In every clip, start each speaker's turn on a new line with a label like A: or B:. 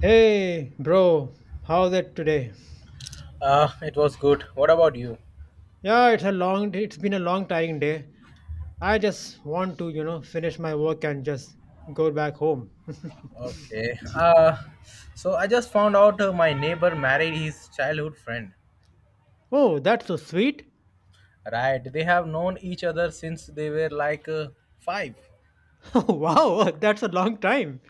A: Hey, bro, how's it today?
B: It was good. What about you?
A: Yeah, it's been a long, tiring day. I just want to, finish my work and just go back home.
B: Okay. So I just found out my neighbor married his childhood friend.
A: Oh, that's so sweet.
B: Right. They have known each other since they were like 5.
A: Wow, that's a long time.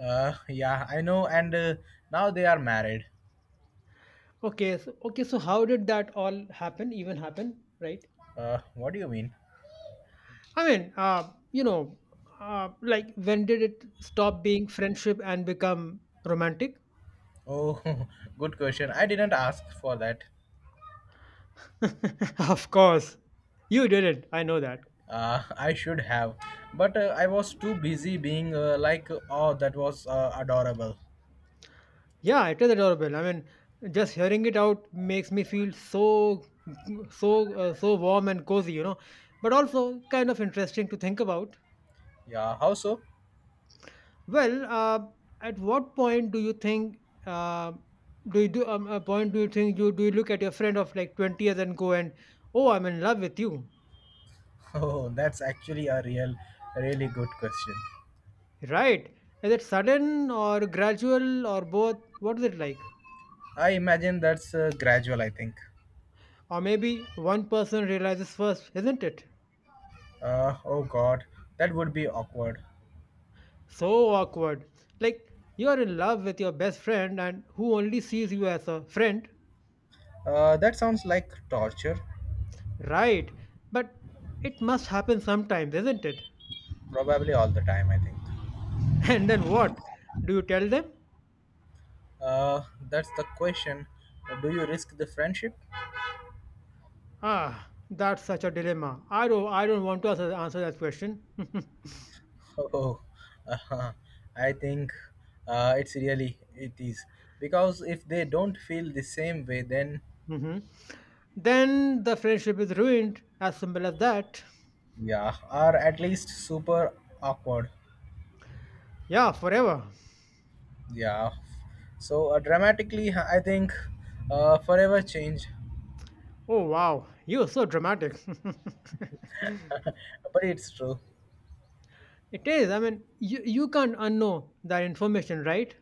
B: Yeah, I know. And now they are married.
A: Okay, so how did that all happen? Even happen, right?
B: What do you mean?
A: I mean, like when did it stop being friendship and become romantic?
B: Oh, good question. I didn't ask for that.
A: Of course, you didn't. I know that.
B: I should have. But I was too busy being like, oh, that was adorable.
A: Yeah, it is adorable. I mean, just hearing it out makes me feel so warm and cozy, but also kind of interesting to think about.
B: Yeah, how so?
A: Well, at what point do you think, a point do you think you do you look at your friend of like 20 years and oh, I'm in love with you,
B: Oh, that's actually a really good question.
A: right? Is it sudden or gradual or both? What is it like?
B: I imagine that's gradual, I think.
A: Or maybe one person realizes first, isn't it?
B: Oh god, that would be awkward.
A: So awkward. Like you are in love with your best friend and who only sees you as a friend,
B: That sounds like torture,
A: right? But it must happen sometimes, isn't it?
B: probably all the time, I think.
A: And then what? Do you tell them?
B: Uh, that's the question. Do you risk the friendship?
A: Ah, that's such a dilemma. I don't want to answer that question.
B: Oh, uh, I think it's really, it is. Because if they don't feel the same way, then
A: hmm Then the friendship is ruined, as simple as that.
B: yeah, or at least super awkward.
A: Yeah, forever.
B: Yeah. So dramatically, I think forever change.
A: Oh wow, you're so dramatic.
B: But it's true.
A: It is. I mean, you can't unknow that information, right?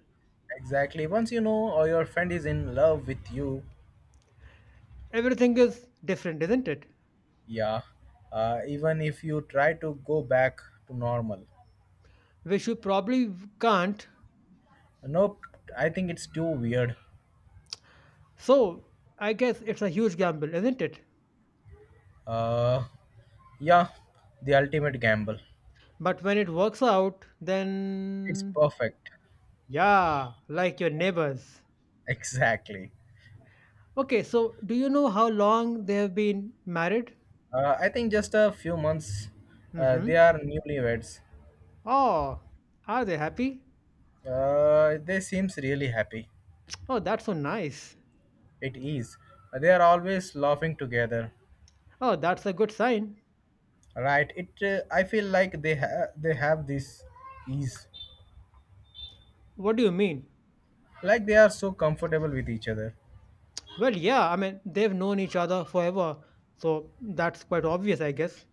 B: Exactly. Once you know or your friend is in love with you,
A: Everything is different, isn't it?
B: yeah. Even if you try to go back to normal.
A: Which you probably can't.
B: Nope. I think it's too weird.
A: So I guess it's a huge gamble, isn't it?
B: Uh, yeah. The ultimate gamble.
A: But when it works out,
B: It's
A: then
B: perfect.
A: yeah, like your neighbors.
B: Exactly.
A: Okay, so do you know how long they have been married?
B: I think just a few months. They
A: Mm-hmm.
B: are newlyweds.
A: Oh, are they happy?
B: They seems really happy.
A: Oh, that's so nice.
B: It is. They are always laughing together,
A: Oh, that's a good sign.
B: right? It. I feel like they have this ease,
A: What do you mean?
B: like they are so comfortable with each other.
A: Well, yeah, I mean, they've known each other forever, so that's quite obvious, I guess.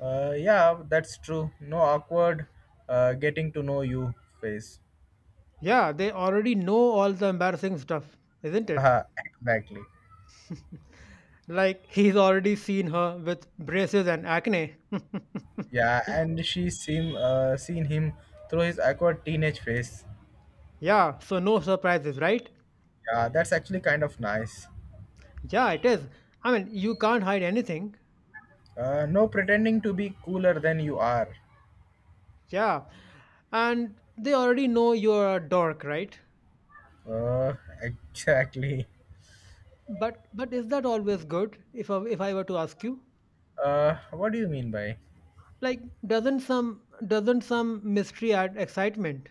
B: Yeah, that's true. No awkward getting to know you face.
A: Yeah, they already know all the embarrassing stuff, isn't it?
B: Haha, exactly.
A: Like he's already seen her with braces and acne.
B: Yeah, and she seen him through his awkward teenage face.
A: Yeah, so no surprises, right?
B: Yeah, that's actually kind of nice.
A: Yeah, it is. I mean, you can't hide anything.
B: No pretending to be cooler than you are.
A: Yeah. And they already know you're a dork, right?
B: Uh, exactly.
A: But is that always good if I were to ask you?
B: What do you mean by?
A: Like doesn't some mystery add excitement?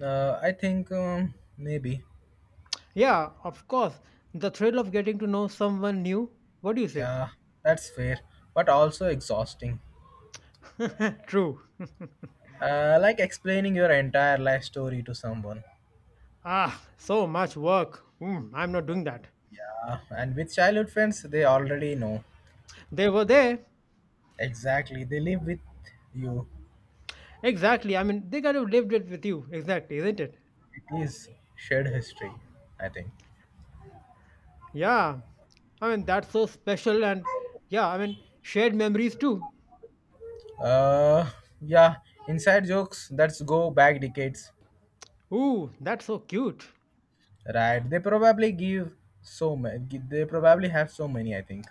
B: I think maybe.
A: Yeah, of course. The thrill of getting to know someone new. What do you say?
B: Yeah, that's fair, but also exhausting.
A: True.
B: Like explaining your entire life story to someone.
A: Ah, so much work. I'm not doing that.
B: Yeah, and with childhood friends, they already know.
A: They were there.
B: Exactly, they live with you.
A: Exactly. I mean, they kind of lived it with you. Exactly, isn't it?
B: It is shared history, I think.
A: Yeah. I mean, that's so special and yeah, I mean, shared memories too.
B: Uh, yeah, inside jokes that's go back decades,
A: Ooh, that's so cute.
B: right? They probably give so many. They probably have so many, I think.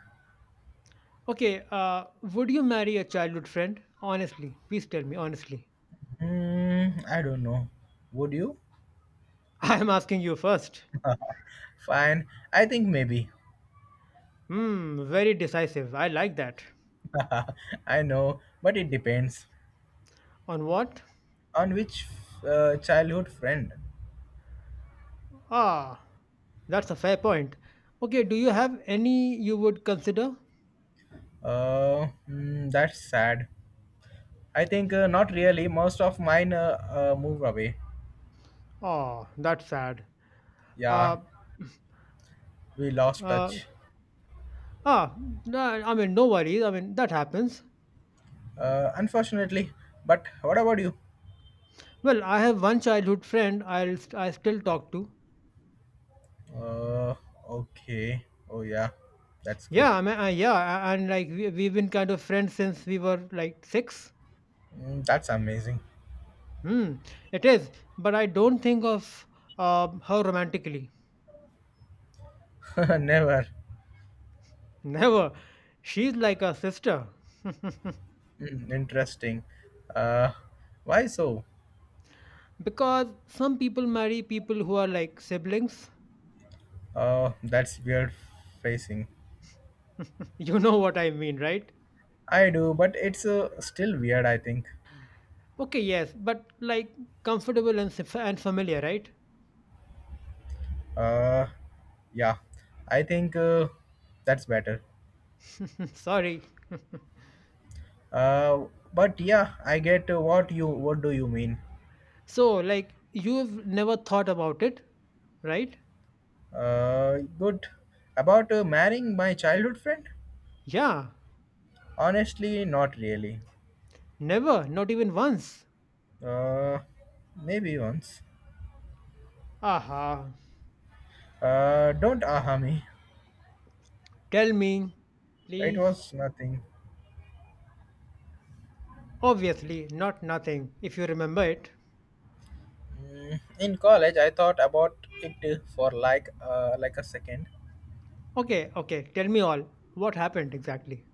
A: Okay, would you marry a childhood friend? Honestly, please tell me honestly.
B: Hmm, I don't know. Would you?
A: I'm asking you first.
B: Fine, I think maybe.
A: Hmm, very decisive. I like that.
B: I know, but it depends
A: On what?
B: on which childhood friend.
A: Ah. That's a fair point. Okay, do you have any you would consider?
B: That's sad. I think not really. Most of mine moved away.
A: Oh, that's sad.
B: Yeah,
A: Uh,
B: we lost
A: uh,
B: touch.
A: ah, no, I mean, no worries. I mean, that happens.
B: Unfortunately. But what about you?
A: Well, I have one childhood friend I still talk to.
B: Uh, okay. Oh yeah, that's good.
A: Yeah, I mean, yeah, and like we've been kind of friends since we were like six.
B: Mm, that's amazing.
A: Hmm, it is. But I don't think of her romantically.
B: Never.
A: Never. She's like a sister.
B: Mm, interesting. Uh, why so?
A: Because some people marry people who are like siblings.
B: That's weird facing.
A: You know what I mean, right?
B: I do, but it's still weird, I think.
A: Okay, yes, but like comfortable and familiar, right?
B: Uh, yeah, I think that's better.
A: Sorry.
B: Uh, but yeah, I get what do you mean?
A: So, like, you've never thought about it, right?
B: Good. About marrying my childhood friend?
A: Yeah,
B: Honestly, not really.
A: never, not even once.
B: Uh, Maybe once.
A: Aha,
B: Don't aha me.
A: tell me,
B: It
A: please.
B: was nothing.
A: Obviously, not nothing, if you remember it.
B: Mm, in college, I thought about it for like a second.
A: Okay, okay, tell me all. What happened exactly?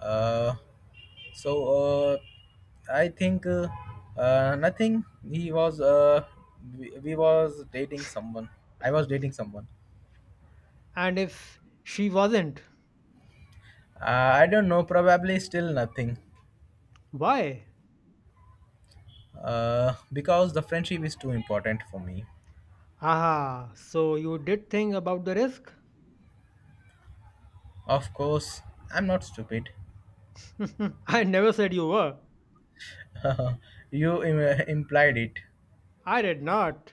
B: Uh, So uh, I think uh, uh, nothing. He was we was dating someone. I was dating someone.
A: And if she wasn't,
B: Uh, I don't know. Probably still nothing.
A: why?
B: Because the friendship is too important for me.
A: Aha, so you did think about the risk?
B: Of course, I'm not stupid.
A: I never said you were.
B: you implied it.
A: I did not.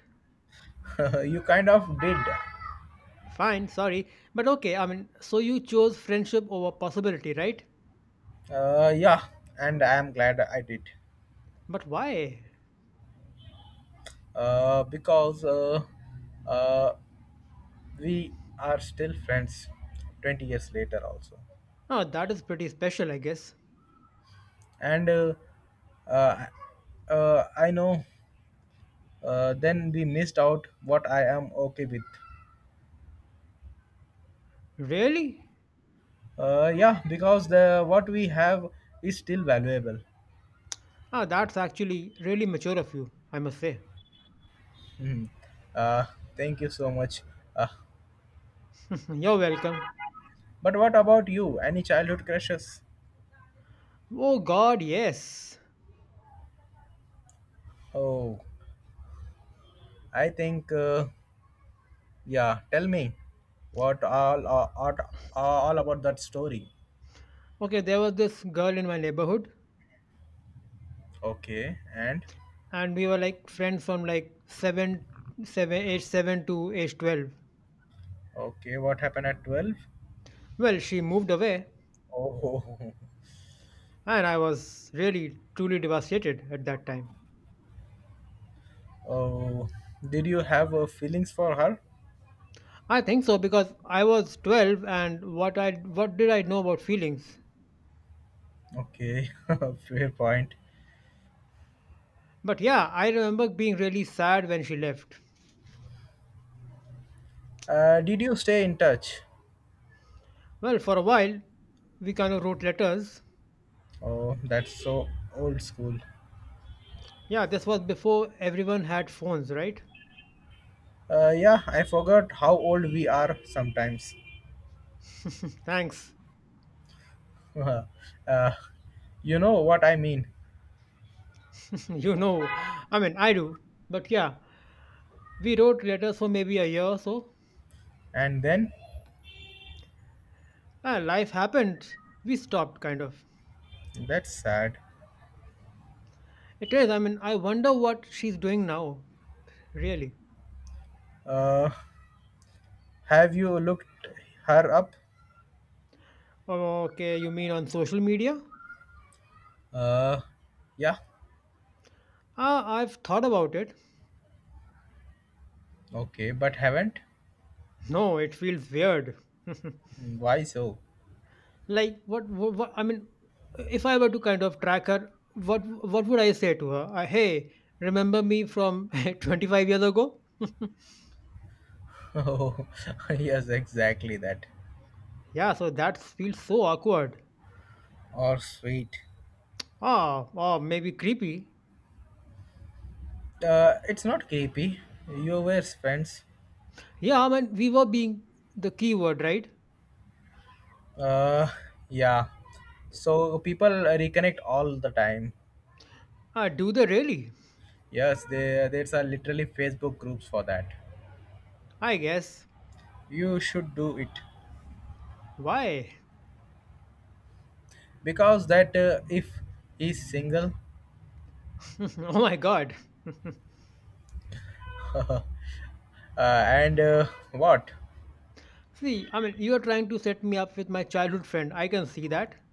B: you kind of did.
A: Fine, sorry. But okay, I mean, so you chose friendship over possibility, right?
B: Yeah, and I am glad I did.
A: But why?
B: Because uh, we are still friends 20 years later also
A: Oh, that is pretty special, I guess.
B: and uh, I know then we missed out what I am okay with
A: Really?
B: yeah because the what we have is still valuable.
A: Ah, that's actually really mature of you, I must say.
B: Mhm. uh, Thank you so much. uh,
A: You're welcome.
B: but what about you, any childhood crushes?
A: Oh god, yes.
B: Oh, I think yeah, tell me what all about that story.
A: Okay, there was this girl in my neighborhood
B: Okay. And
A: and we were like friends from like 7, age 7 to age 12.
B: okay, what happened at 12?
A: Well, she moved away
B: Oh,
A: and I was really truly devastated at that time.
B: oh, did you have feelings for her?
A: I think so because I was 12 and what did I know about feelings?
B: Okay, fair point.
A: But yeah, I remember being really sad when she left.
B: Did you stay in touch?
A: Well, for a while we kind of wrote letters.
B: Oh, that's so old school.
A: Yeah, this was before everyone had phones, right?
B: Yeah, I forgot how old we are sometimes.
A: Thanks.
B: uh, you know what I mean.
A: You know, I mean, I do. But yeah, we wrote letters for maybe a year or so.
B: And then,
A: Ah, life happened. We stopped, kind of.
B: that's sad.
A: It is, I mean, I wonder what she's doing now, really.
B: Uh, have you looked her up?
A: Oh, okay, you mean on social media?
B: Uh, yeah,
A: Ah, I've thought about it.
B: okay, but haven't?
A: No, it feels weird.
B: Why so?
A: Like I mean, if I were to kind of track her, what would I say to her? Hey, remember me from 25 years ago?
B: Oh, yes, exactly that.
A: Yeah, so that feels so awkward.
B: Or sweet.
A: Ah, or maybe creepy.
B: It's not creepy. You were friends.
A: Yeah, I mean, we were being the keyword, right?
B: Uh, yeah. So people reconnect all the time.
A: Do they really?
B: Yes, there's a literally Facebook groups for that.
A: I guess.
B: You should do it
A: Why?
B: because that if he's single
A: Oh my god.
B: and what
A: See, I mean, you are trying to set me up with my childhood friend. I can see that.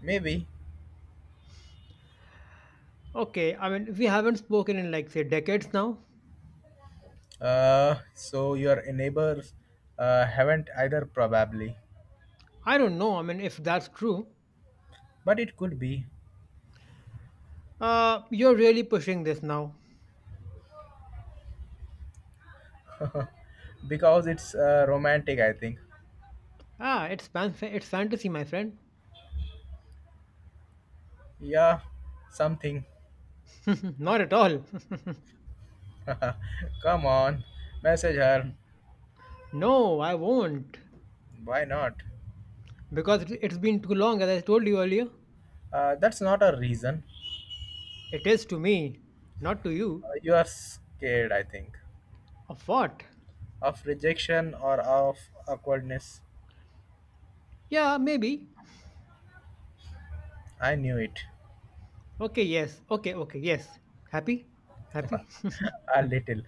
B: maybe
A: Okay, I mean, we haven't spoken in like, say, decades now.
B: so your neighbors haven't either probably,
A: I don't know. I mean, if that's true,
B: but it could be.
A: you're really pushing this now.
B: Because it's romantic, I think.
A: Ah, it's fantasy, my friend.
B: Yeah, something.
A: Not at all.
B: Come on, message her.
A: No, I won't,
B: Why not?
A: because it's been too long. As I told you earlier,
B: That's not a reason.
A: it is to me, not to you.
B: You are scared, I think.
A: Of what?
B: Of rejection or of awkwardness.
A: Yeah, maybe.
B: I knew it.
A: Okay, yes. Okay, okay, yes. Happy, happy.
B: a little.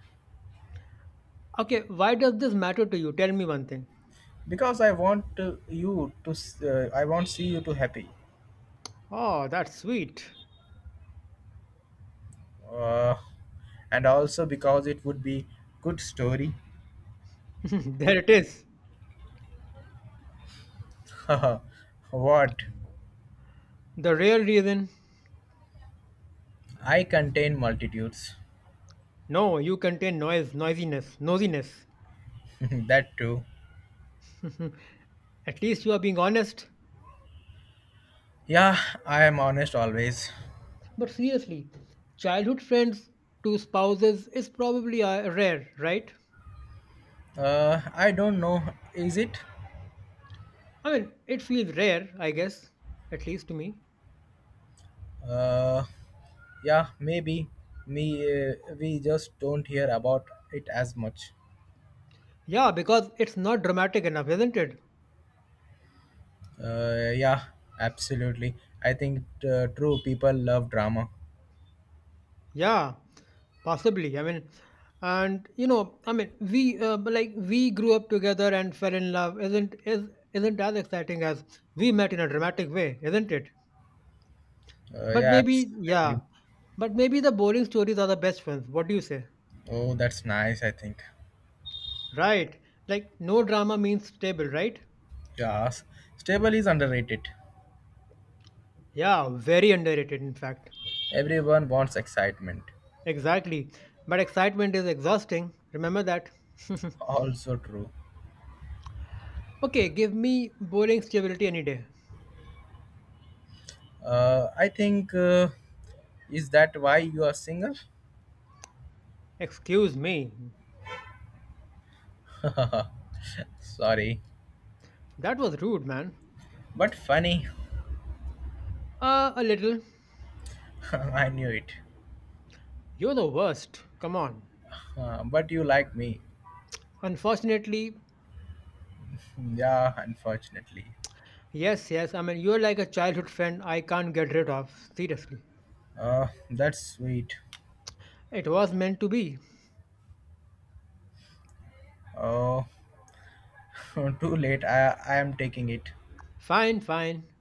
A: Okay, why does this matter to you? Tell me one thing.
B: Because I want to, you to s- I want see you to happy.
A: Oh, that's sweet.
B: uh, and also because it would be good story.
A: There it is.
B: what?
A: The real reason.
B: I contain multitudes.
A: No, you contain noise, noisiness, nosiness.
B: that too.
A: At least you are being honest.
B: Yeah, I am honest always.
A: But seriously, childhood friends to spouses is probably rare, right?
B: I don't know. Is it?
A: I mean, it feels rare, I guess, at least to me.
B: Uh, yeah, maybe. Me, we just don't hear about it as much.
A: Yeah, because it's not dramatic enough, isn't it?
B: Yeah, absolutely. I think true people love drama.
A: Yeah, possibly. I mean, and you know, I mean, we grew up together and fell in love. Isn't as exciting as we met in a dramatic way, isn't it? But
B: Yeah,
A: maybe,
B: absolutely.
A: yeah. But maybe the boring stories are the best ones. What do you say?
B: Oh, that's nice. I think.
A: Right. Like no drama means stable, right?
B: Yes, stable is underrated.
A: Yeah, very underrated in fact.
B: Everyone wants excitement.
A: Exactly. But excitement is exhausting. Remember that.
B: Also true.
A: Okay, give me boring stability any day.
B: I think. Is that why you are single?
A: Excuse me.
B: Sorry,
A: That was rude, man.
B: but funny.
A: A little.
B: I knew it.
A: You're the worst. Come on.
B: But you like me.
A: Unfortunately,
B: Yeah, unfortunately.
A: yes, yes. I mean, you're like a childhood friend I can't get rid of. Seriously.
B: That's sweet.
A: It was meant to be.
B: Oh, too late. I am taking it.
A: Fine, fine.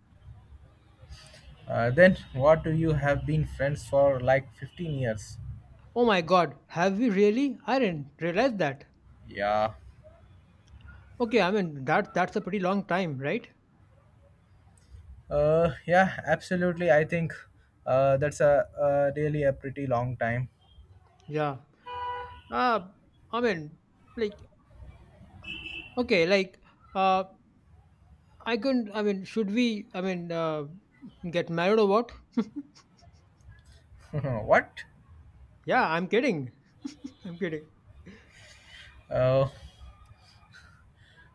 B: Then what do you have been friends for like 15 years?
A: Oh my god, have we really? I didn't realize that.
B: Yeah.
A: Okay, I mean that that's a pretty long time, right?
B: Yeah, absolutely. I think that's a really a pretty long time.
A: Yeah. Uh I mean, like, okay, like, uh I couldn't, I mean, should we, I mean, get married or what?
B: what?
A: Yeah, I'm kidding. I'm kidding.
B: Oh,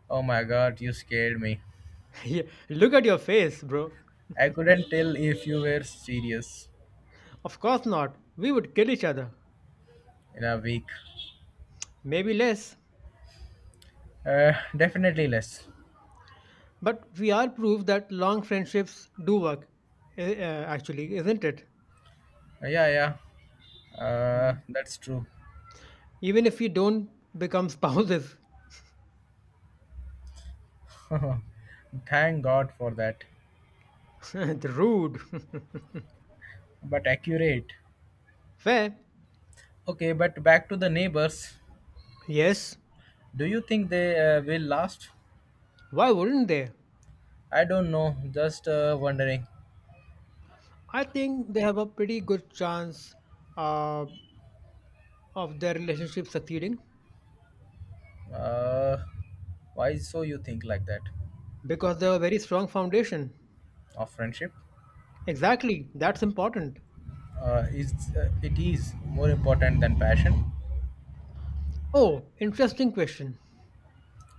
B: oh my god, you scared me.
A: Yeah, look at your face, bro.
B: I couldn't tell if you were serious.
A: Of course not. We would kill each other.
B: In a week.
A: Maybe less.
B: Definitely less.
A: But we are proof that long friendships do work, actually, isn't it?
B: Yeah, yeah.
A: Mm.
B: That's true.
A: Even if we don't become spouses.
B: Thank God for that.
A: Rude.
B: But accurate.
A: Fair.
B: Okay, but back to the neighbors.
A: Yes,
B: Do you think they will last?
A: why wouldn't they?
B: I don't know. Just wondering.
A: I think they have a pretty good chance uh, of their relationship succeeding
B: Uh, why so you think like that
A: because they have a very strong foundation.
B: of friendship?
A: Exactly, that's important.
B: Is it is more important than passion?
A: Oh, interesting question.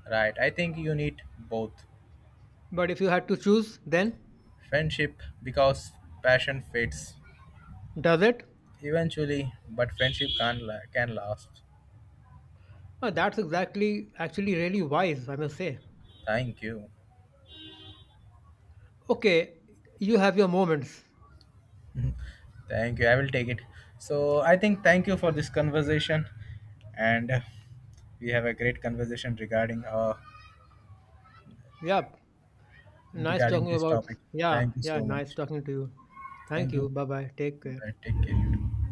B: Right. I think you need both.
A: But if you had to choose, then
B: Friendship because passion fades.
A: does it?
B: Eventually, but friendship can last.
A: That's exactly, actually, really wise, I must say.
B: Thank you,
A: Okay, you have your moments.
B: thank you. I will take it. So I think thank you for this conversation, and we have a great conversation regarding uh
A: Yep, nice
B: regarding
A: talking
B: this
A: about.
B: topic.
A: Yeah,
B: Thank you
A: yeah,
B: so
A: nice
B: much.
A: talking to you. Thank
B: Thank you.
A: you. Bye bye. Take care.
B: Bye. Take care.